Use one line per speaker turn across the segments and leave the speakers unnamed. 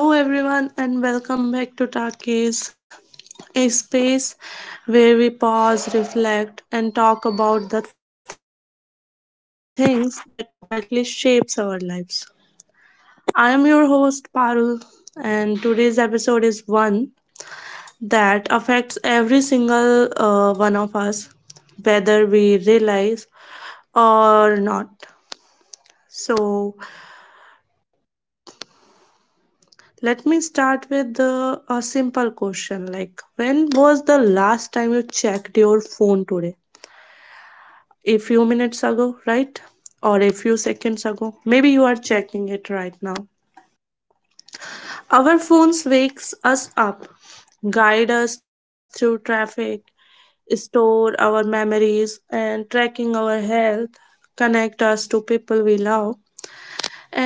Hello, everyone, and welcome back to Talkies, a space where we pause, reflect, and talk about the things that quietly shapes our lives. I am your host Parul, and today's episode is one that affects every single one of us, whether we realize or not. So, Let me start with a simple question like when was the last time you checked your phone today? A few minutes ago, right? Or a few seconds ago. Maybe you are checking it right now. Our phones wakes us up, guide us through traffic, store our memories and tracking our health, connect us to people we love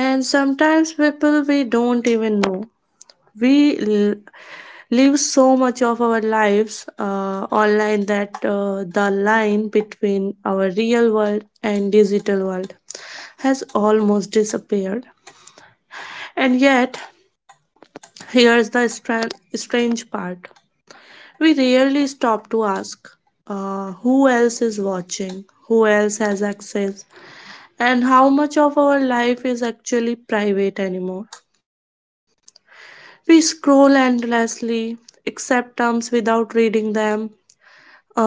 and sometimes people we don't even know. We l- Live so much of our lives online that the line between our real world and digital world has almost disappeared. And yet, here's the strange part, we rarely stop to ask, who else is watching, who else has access, and how much of our life is actually private anymore. We scroll endlessly, accept terms without reading them,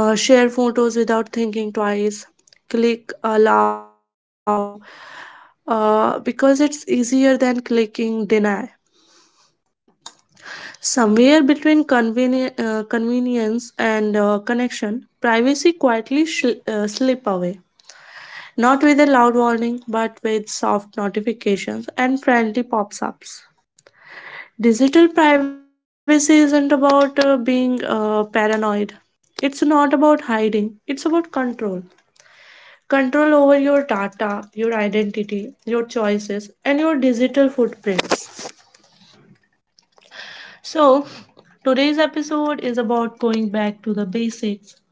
share photos without thinking twice, click allow because it's easier than clicking deny. Somewhere between convenience and connection, privacy quietly slip away. Not with a loud warning, but with soft notifications and friendly pops ups. Digital privacy isn't about being paranoid. It's not about hiding, it's about control. Control over your data, your identity, your choices, and your digital footprints. So, today's episode is about going back to the basics,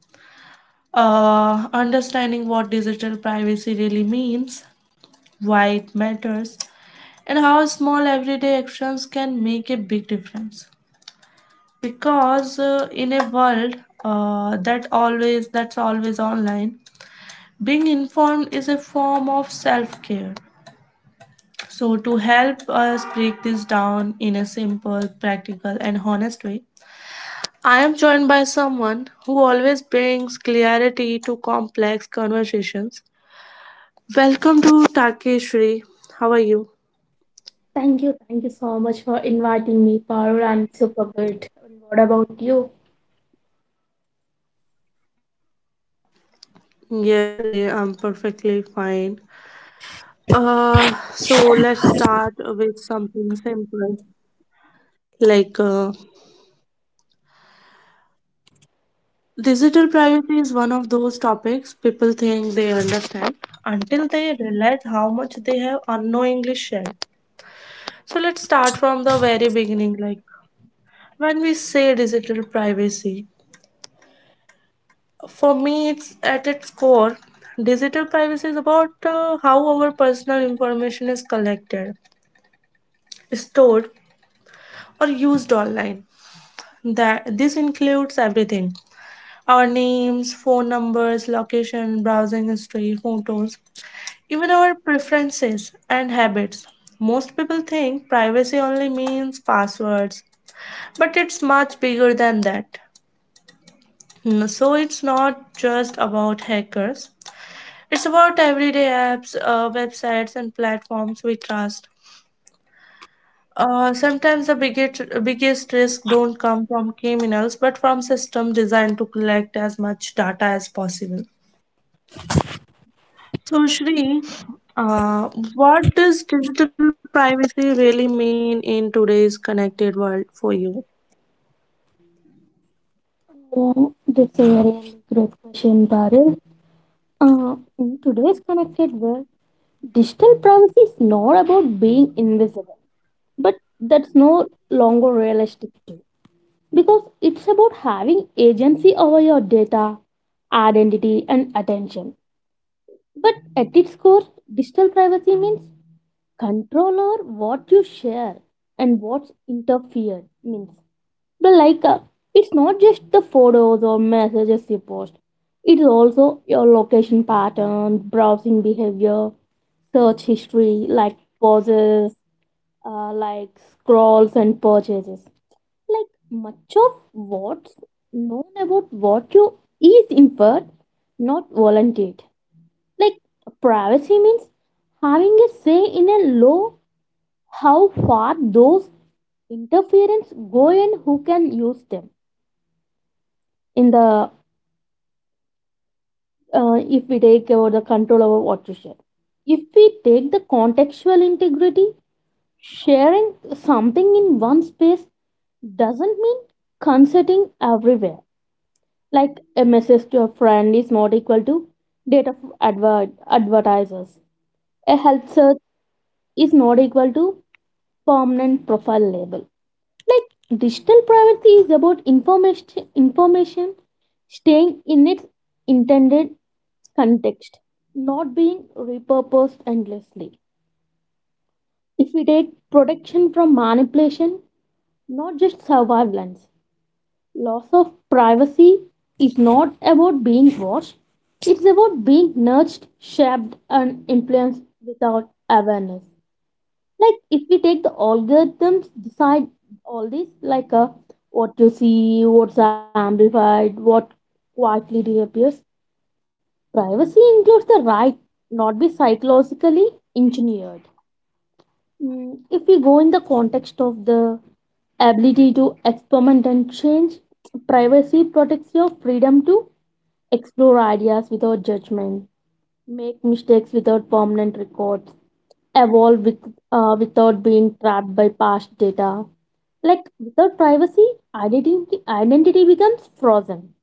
understanding what digital privacy really means, why it matters, and how small everyday actions can make a big difference. Because in a world that's always online, being informed is a form of self-care. So, to help us break this down in a simple, practical, and honest way, I am joined by someone who always brings clarity to complex conversations. Welcome to Takeshri. How are you?
Thank you so much for inviting me, Parul. I'm super good. And what about you?
Yes, Shri, I'm perfectly fine. So let's start with something simple, like digital privacy is one of those topics people think they understand until they realize how much they have unknowingly shared. So let's start from the very beginning. Like when we say digital privacy, for me, it's at its core, digital privacy is about how our personal information is collected, stored, or used online. That this includes everything: our names, phone numbers, location, browsing history, photos, even our preferences and habits. Most people think privacy only means passwords, but it's much bigger than that. Mm, so it's not just about hackers, it's about everyday apps, websites, and platforms we trust. Sometimes the biggest risk don't come from criminals but from systems designed to collect as much data as possible. So, Shri, uh, what does digital privacy really mean in today's connected world for you?
Yeah, that's a really great question, Parul. In today's connected world, digital privacy is not about being invisible, but that's no longer realistic too, because it's about having agency over your data, identity, and attention. But at its core, digital privacy means control over what you share and what's interfered means the like it's not just the photos or messages you post, it's also your location pattern, browsing behavior, search history, like pauses, like scrolls and purchases, like much of what's known about what you is inferred, not volunteered. Like privacy means having a say in a law, how far those interference go and who can use them in the if we take over the control over what you share, if we take the contextual integrity, sharing something in one space doesn't mean consenting everywhere. Like a message to a friend is not equal to data for advertisers, a health search is not equal to permanent profile label. Like digital privacy is about information staying in its intended context, not being repurposed endlessly. If we take protection from manipulation, not just surveillance, loss of privacy is not about being watched, it's about being nudged, shaped, and influenced without awareness. Like if we take the algorithms decide all this what you see, what's amplified, what quietly disappears. Privacy includes the right not be psychologically engineered. Mm, if we go in the context of the ability to experiment and change, privacy protects your freedom to explore ideas without judgment, make mistakes without permanent records, evolve with, without being trapped by past data. Like without privacy, identity becomes frozen.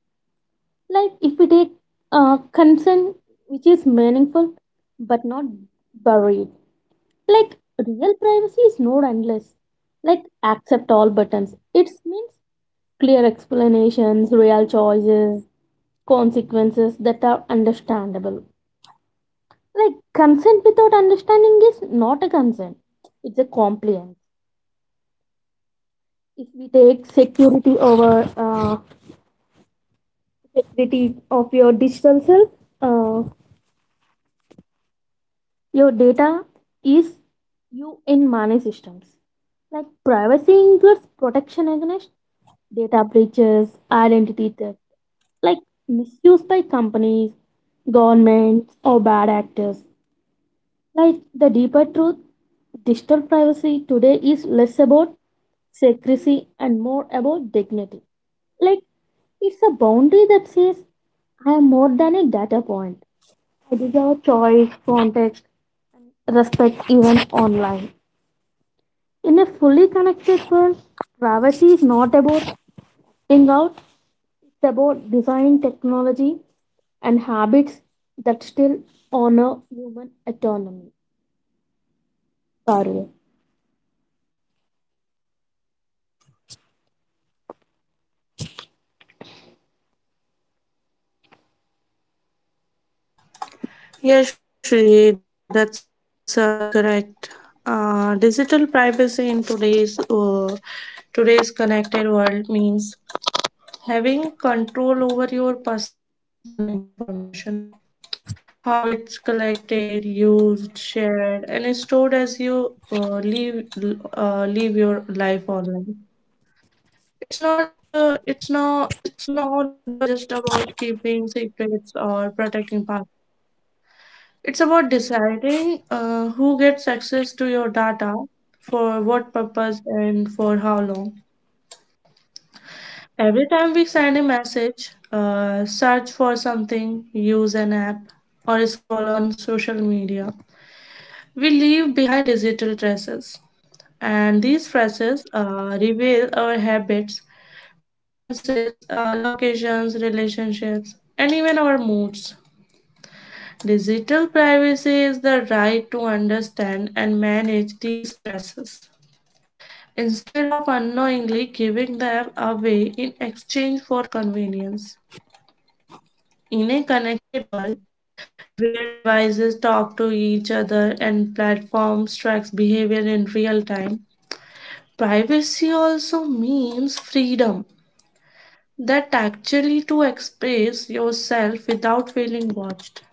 Like if we take consent, which is meaningful but not buried. Like real privacy is not endless. Like accept all buttons. It means clear explanations, real choices, consequences that are understandable. Like, consent without understanding is not a consent, it's a compliance. If we take security over security of your digital self, uh, your data is you in money systems. Like, privacy includes protection against data breaches, identity theft, like misuse by companies, governments, or bad actors. Like the deeper truth, digital privacy today is less about secrecy and more about dignity. Like it's a boundary that says I am more than a data point. I deserve choice, context, respect even online. In a fully connected world, privacy is not about staying out, it's about designing technology and habits that still honor human autonomy, Parul.
Yes, Shri, that's correct. Digital privacy in today's connected world means having control over your personal information, how it's collected, used, shared, and stored as you live your life online. It's no longer just about keeping secrets or protecting passwords. It's about deciding who gets access to your data, for what purpose, and for how long. Every time we send a message, search for something, use an app, or scroll on social media, we leave behind digital traces. And these traces reveal our habits, preferences, locations, relationships, and even our moods. Digital privacy is the right to understand and manage these stresses instead of unknowingly giving them away in exchange for convenience. In a connected world where devices talk to each other and platforms track behavior in real time, privacy also means freedom, that actually to express yourself without feeling watched,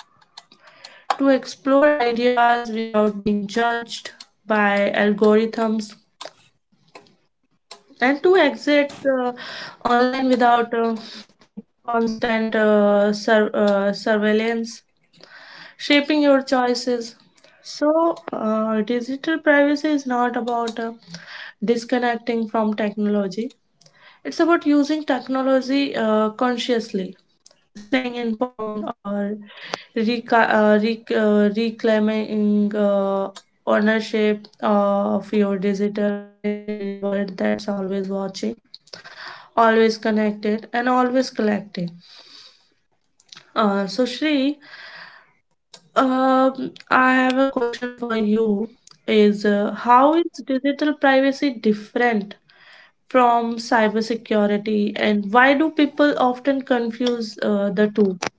to explore ideas without being judged by algorithms, and to exit online without constant surveillance, shaping your choices. So, digital privacy is not about disconnecting from technology. It's about using technology consciously, staying informed, or reclaiming ownership of your digital identity in a world that's always watching, always connected, and always collected. Shri, I have a question for you. Is how is digital privacy different from cybersecurity, and why do people often confuse the two?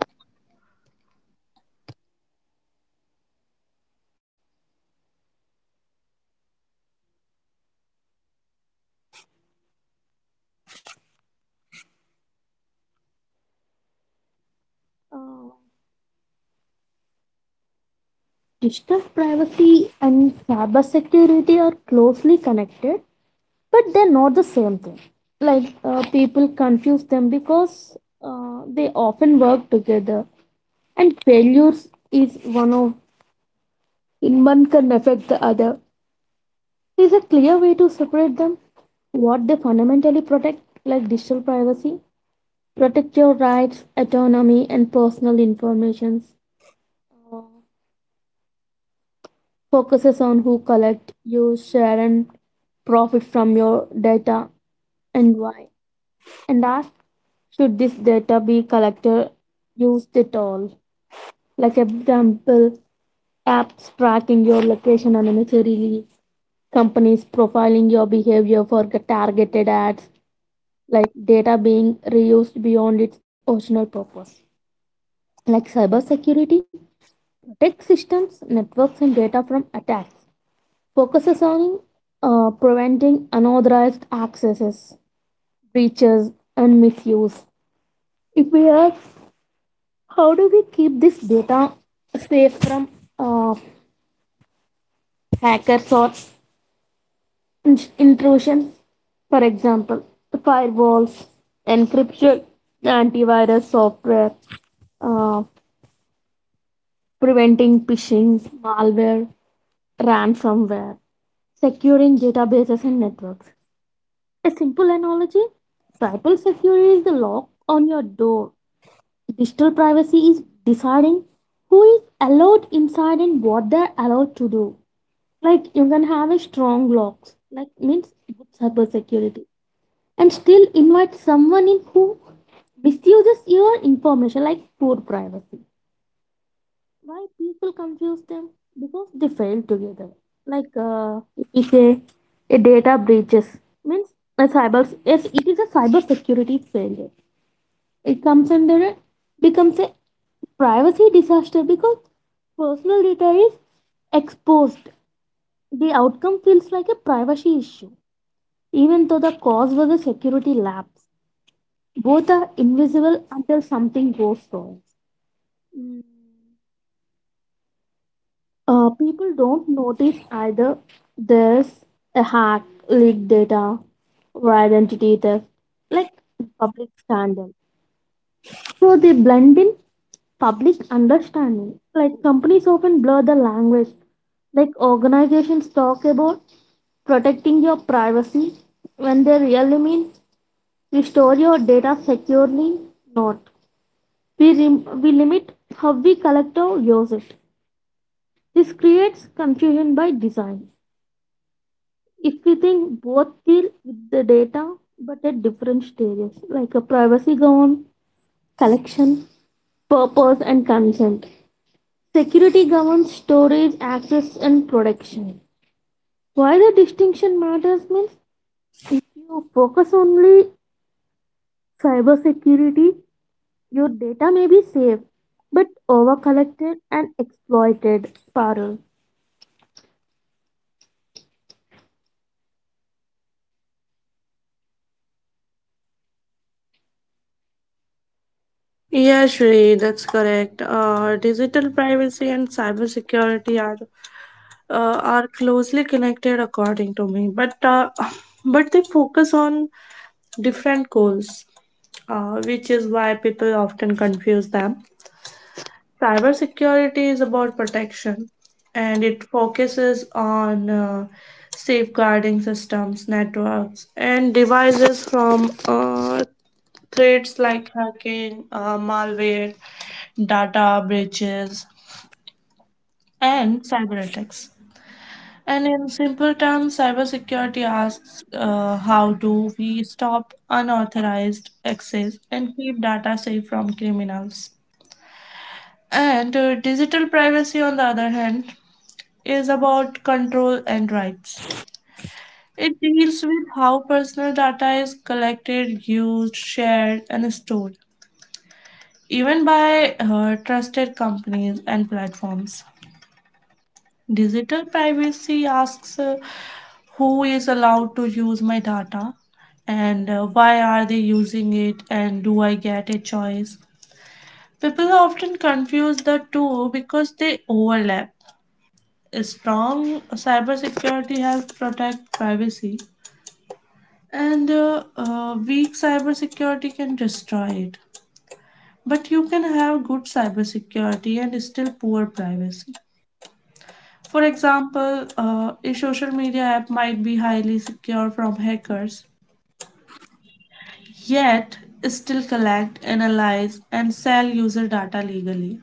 Digital privacy and cybersecurity are closely connected, but they're not the same thing. People confuse them because they often work together, and failures is one of in one can affect the other. Is a clear way to separate them. What they fundamentally protect, like digital privacy, protect your rights, autonomy, and personal information. Focuses on who collect, use, share, and profit from your data and why. And ask, should this data be collected, used at all? Like example, apps tracking your location unnecessarily, companies profiling your behavior for targeted ads, like data being reused beyond its original purpose. Like cybersecurity, protect systems, networks, and data from attacks focuses on preventing unauthorized accesses, breaches, and misuse. If we ask, how do we keep this data safe from uh, hackers or intrusion? For example, firewalls, encryption, antivirus software, uh, preventing phishing, malware, ransomware, securing databases and networks. A simple analogy, triple security is the lock on your door. Digital privacy is deciding who is allowed inside and what they're allowed to do. Like you can have a strong locks, like means good cyber security, and still invite someone in who misuses your information, like poor privacy. Why people confuse them, because they fail together. If we say a data breaches means a cyber, yes it is a cyber security failure, it comes under a becomes a privacy disaster because personal data is exposed. The outcome feels like a privacy issue even though the cause was a security lapse. Both are invisible until something goes wrong. People don't notice either there's a hack, leaked data, or identity theft, like public scandal. So they blend in public understanding. Like companies often blur the language. Like organizations talk about protecting your privacy when they really mean we store your data securely, not we limit how we collect or use it. This creates confusion by design. If we think both deal with the data but at different stages, like a privacy govern collection, purpose and consent. Security governs storage, access and protection. Why the distinction matters means if you focus only cybersecurity, your data may be safe but overcollected and exploited. Parallel.
Yeah, Shri, that's correct. Digital privacy and cybersecurity are closely connected, according to me. But but they focus on different goals, which is why people often confuse them. Cybersecurity is about protection, and it focuses on safeguarding systems, networks, and devices from threats like hacking, malware, data breaches, and cyber attacks. And in simple terms, cybersecurity asks, how do we stop unauthorized access and keep data safe from criminals. And digital privacy, on the other hand, is about control and rights. It deals with how personal data is collected, used, shared, and stored, even by trusted companies and platforms. Digital privacy asks, who is allowed to use my data and why are they using it and do I get a choice. People often confuse the two because they overlap. A strong cybersecurity helps protect privacy, and weak cybersecurity can destroy it. But you can have good cybersecurity and still poor privacy. For example, a social media app might be highly secure from hackers, yet still collect, analyze, and sell user data legally.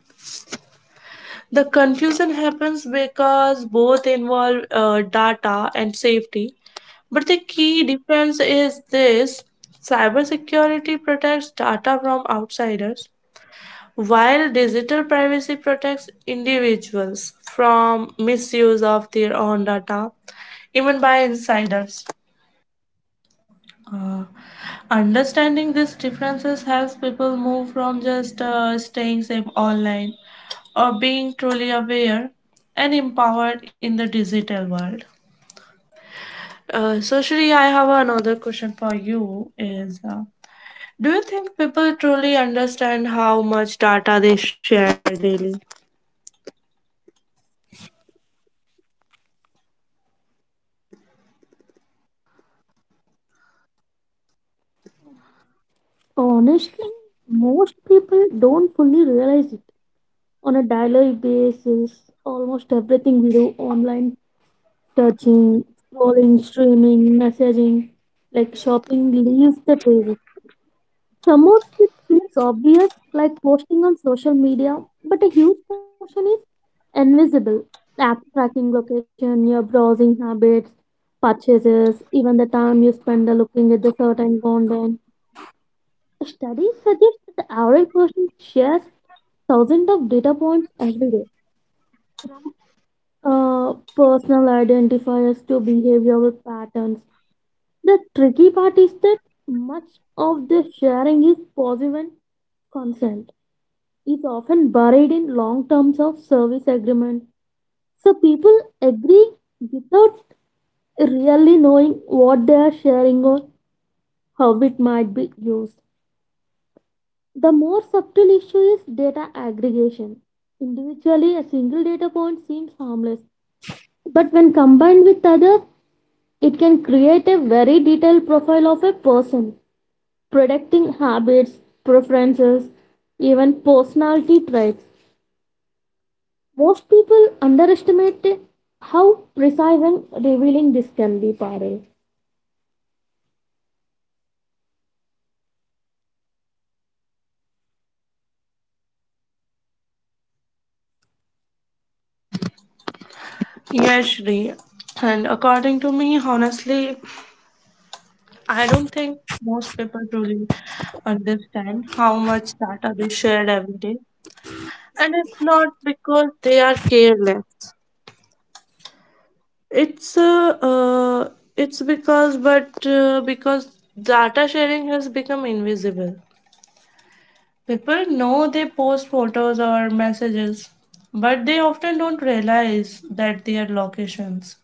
The confusion happens because both involve data and safety, but the key difference is this: cybersecurity protects data from outsiders, while digital privacy protects individuals from misuse of their own data, even by insiders. uh, understanding these differences helps people move from just staying safe online or being truly aware and empowered in the digital world. Shri, I have another question for you. Is do you think people truly understand how much data they share daily?
Honestly, most people don't fully realize it. On a daily basis, almost everything we do online, touching, scrolling, streaming, messaging, like shopping, leaves the table. Some of it feels obvious, like posting on social media, but a huge portion is invisible. App tracking location, your browsing habits, purchases, even the time you spend looking at the certain content. Studies suggest that the average person shares thousands of data points every day from personal identifiers to behavioral patterns. The tricky part is that much of the sharing is passive and consent is often buried in long terms of service agreement. So people agree without really knowing what they are sharing or how it might be used. The more subtle issue is data aggregation. Individually, a single data point seems harmless, but when combined with others, it can create a very detailed profile of a person, predicting habits, preferences, even personality traits. Most people underestimate how precise and revealing this can be, Parul.
Yes, Shri. And according to me, honestly, I don't think most people truly understand how much data they share every day. And it's not because they are careless. It's uh, uh it's because data sharing has become invisible. People know they post photos or messages, but they often don't realize that their locations,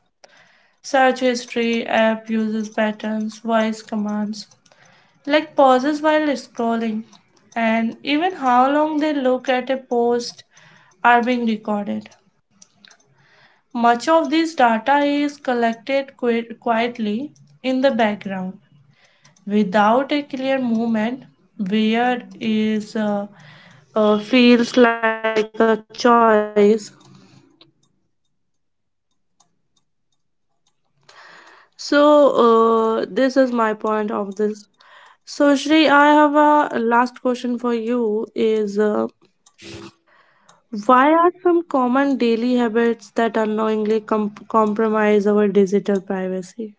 search history, app uses patterns, voice commands, like pauses while scrolling, and even how long they look at a post are being recorded. Much of this data is collected quietly in the background without a clear movement. Weird is feels like a choice. So this is my point of this. So, Shri, I have a last question for you is, why are some common daily habits that unknowingly compromise our digital privacy?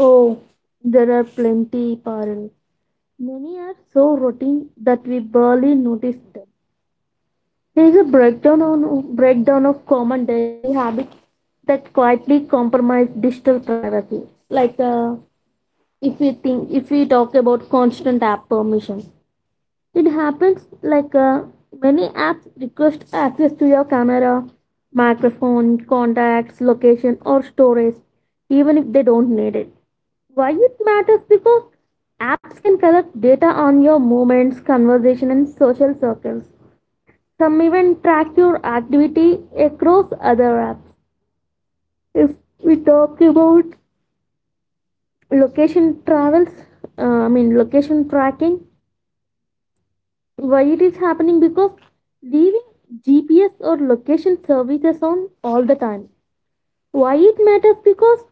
Oh, there are plenty, Parul. Many are so routine that we barely notice them. There is a breakdown of common daily habits that quietly compromise digital privacy, like uh, if we think if we talk about constant app permission. It happens many apps request access to your camera, microphone, contacts, location, or storage, even if they don't need it. Why it matters, because apps can collect data on your movements, conversation and social circles. Some even track your activity across other apps. If we talk about location travels I mean location tracking, why it is happening, because leaving GPS or location services on all the time. Why it matters, because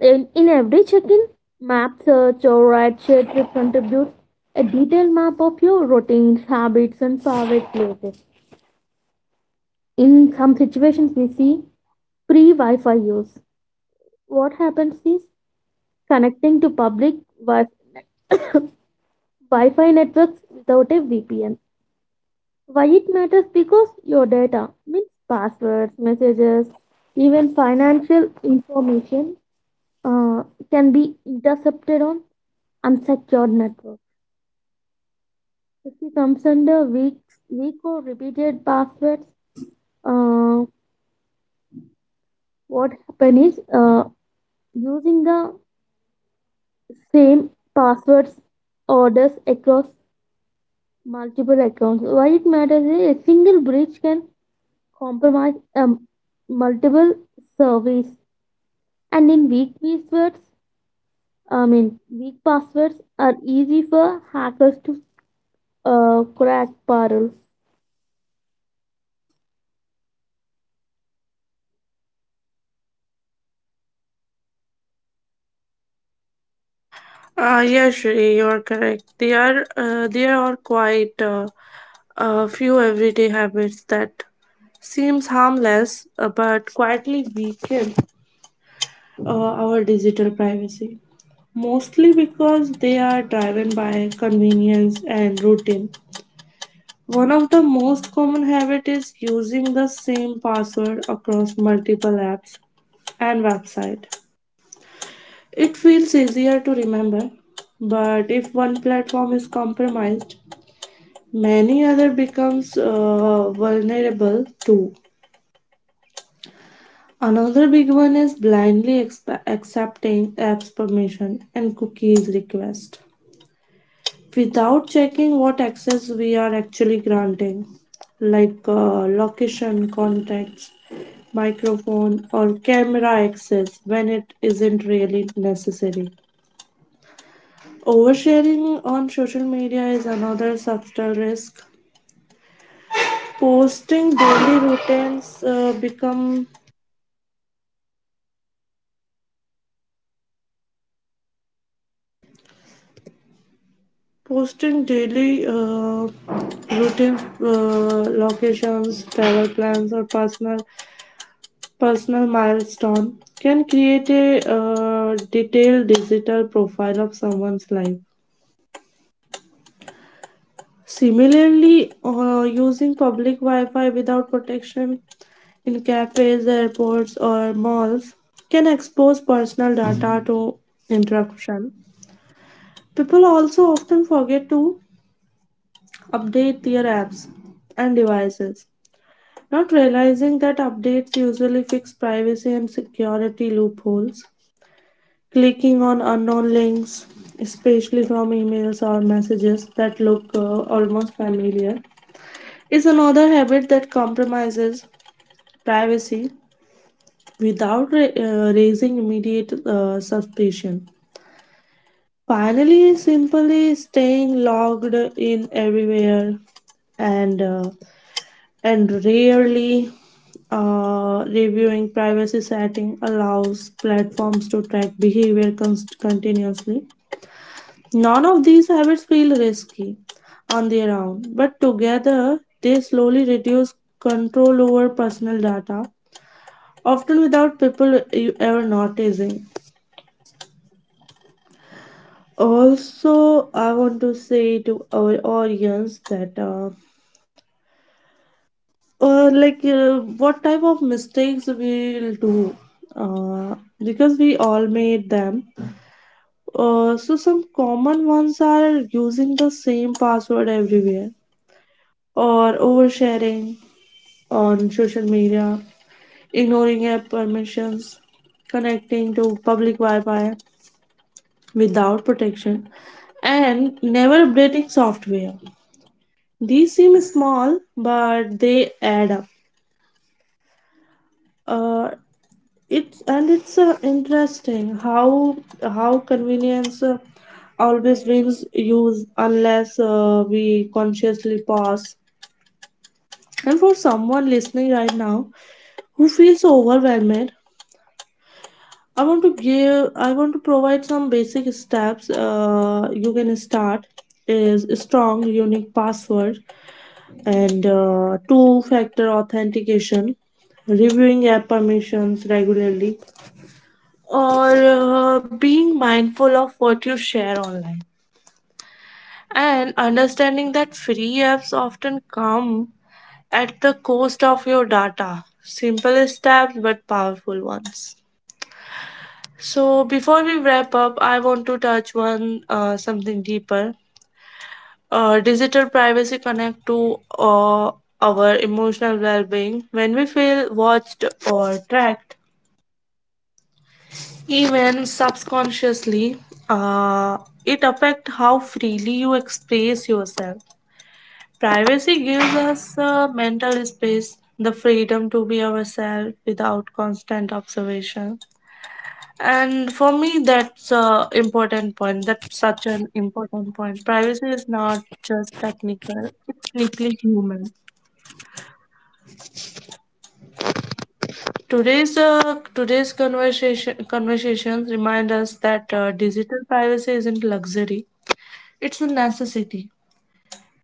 in every check-in, map search or ride share trip contributes a detailed map of your routines, habits and favorite places. In some situations we see free wi-fi use. What happens is connecting to public wi- wi-fi networks without a VPN. Why it matters, because your data means passwords, messages, even financial information uh, can be intercepted on unsecured networks. If it comes under weak or repeated passwords, uh, what happen is using the same passwords orders across multiple accounts. Why it matters is a single breach can compromise multiple service. And in weak passwords, I mean weak passwords are easy for hackers to crack. Parul,
Yes, Shri, you are correct. There are quite a few everyday habits that seems harmless but quietly weaken uh, our digital privacy, mostly because they are driven by convenience and routine. One of the most common habit is using the same password across multiple apps and website. It feels easier to remember, but if one platform is compromised, many other becomes vulnerable too. Another big one is blindly accepting apps permission and cookies request, without checking what access we are actually granting, like location, contacts, microphone, or camera access when it isn't really necessary. Oversharing on social media is another subtle risk. Posting daily routines uh, become posting daily routine locations, travel plans, or personal milestone can create a detailed digital profile of someone's life. Similarly, using public Wi-Fi without protection in cafes, airports, or malls can expose personal data to interruption. People also often forget to update their apps and devices, not realizing that updates usually fix privacy and security loopholes. Clicking on unknown links, especially from emails or messages that look almost familiar, is another habit that compromises privacy without raising immediate suspicion. Finally, simply staying logged in everywhere and rarely reviewing privacy setting allows platforms to track behavior continuously. None of these habits feel risky on their own, but together they slowly reduce control over personal data, often without people ever noticing. Also, I want to say to our audience that, like, what type of mistakes we'll do, uh, because we all made them. Some common ones are using the same password everywhere or oversharing on social media, ignoring app permissions, connecting to public Wi Fi without protection, and never updating software. These seem small, but they add up. Uh, it's interesting how convenience always wins use unless we consciously pause. And for someone listening right now who feels overwhelmed, I want to provide some basic steps. You can start is strong, unique password and two-factor authentication, reviewing app permissions regularly, or being mindful of what you share online, and understanding that free apps often come at the cost of your data. Simple steps but powerful ones. So before we wrap up, I want to touch one something deeper. Digital privacy connect to our emotional well-being. When we feel watched or tracked, even subconsciously, uh, it affect how freely you express yourself. Privacy gives us mental space, the freedom to be ourselves without constant observation. And for me, that's a important point. That's such an important point. Privacy is not just technical; it's deeply human. Today's conversations remind us that digital privacy isn't luxury; it's a necessity.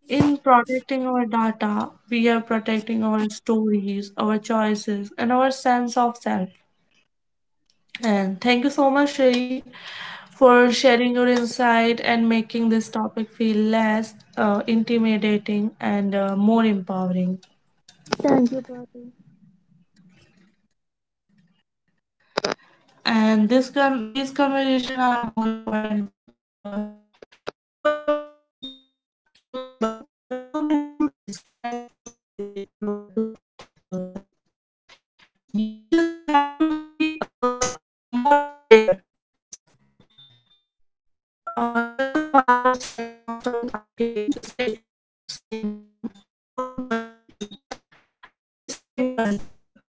In protecting our data, we are protecting our stories, our choices, and our sense of self. And thank you so much, Sri, for sharing your insight and making this topic feel less intimidating and more empowering.
thank you, Parul.
And this these conversations are more important than ever. And to everyone listening, remember you don't have to disconnect from the digital world to protect yourself. You just have to be more aware. This is Paro signing off from Takis. Stay curious, stay informed, and more importantly, stay in control.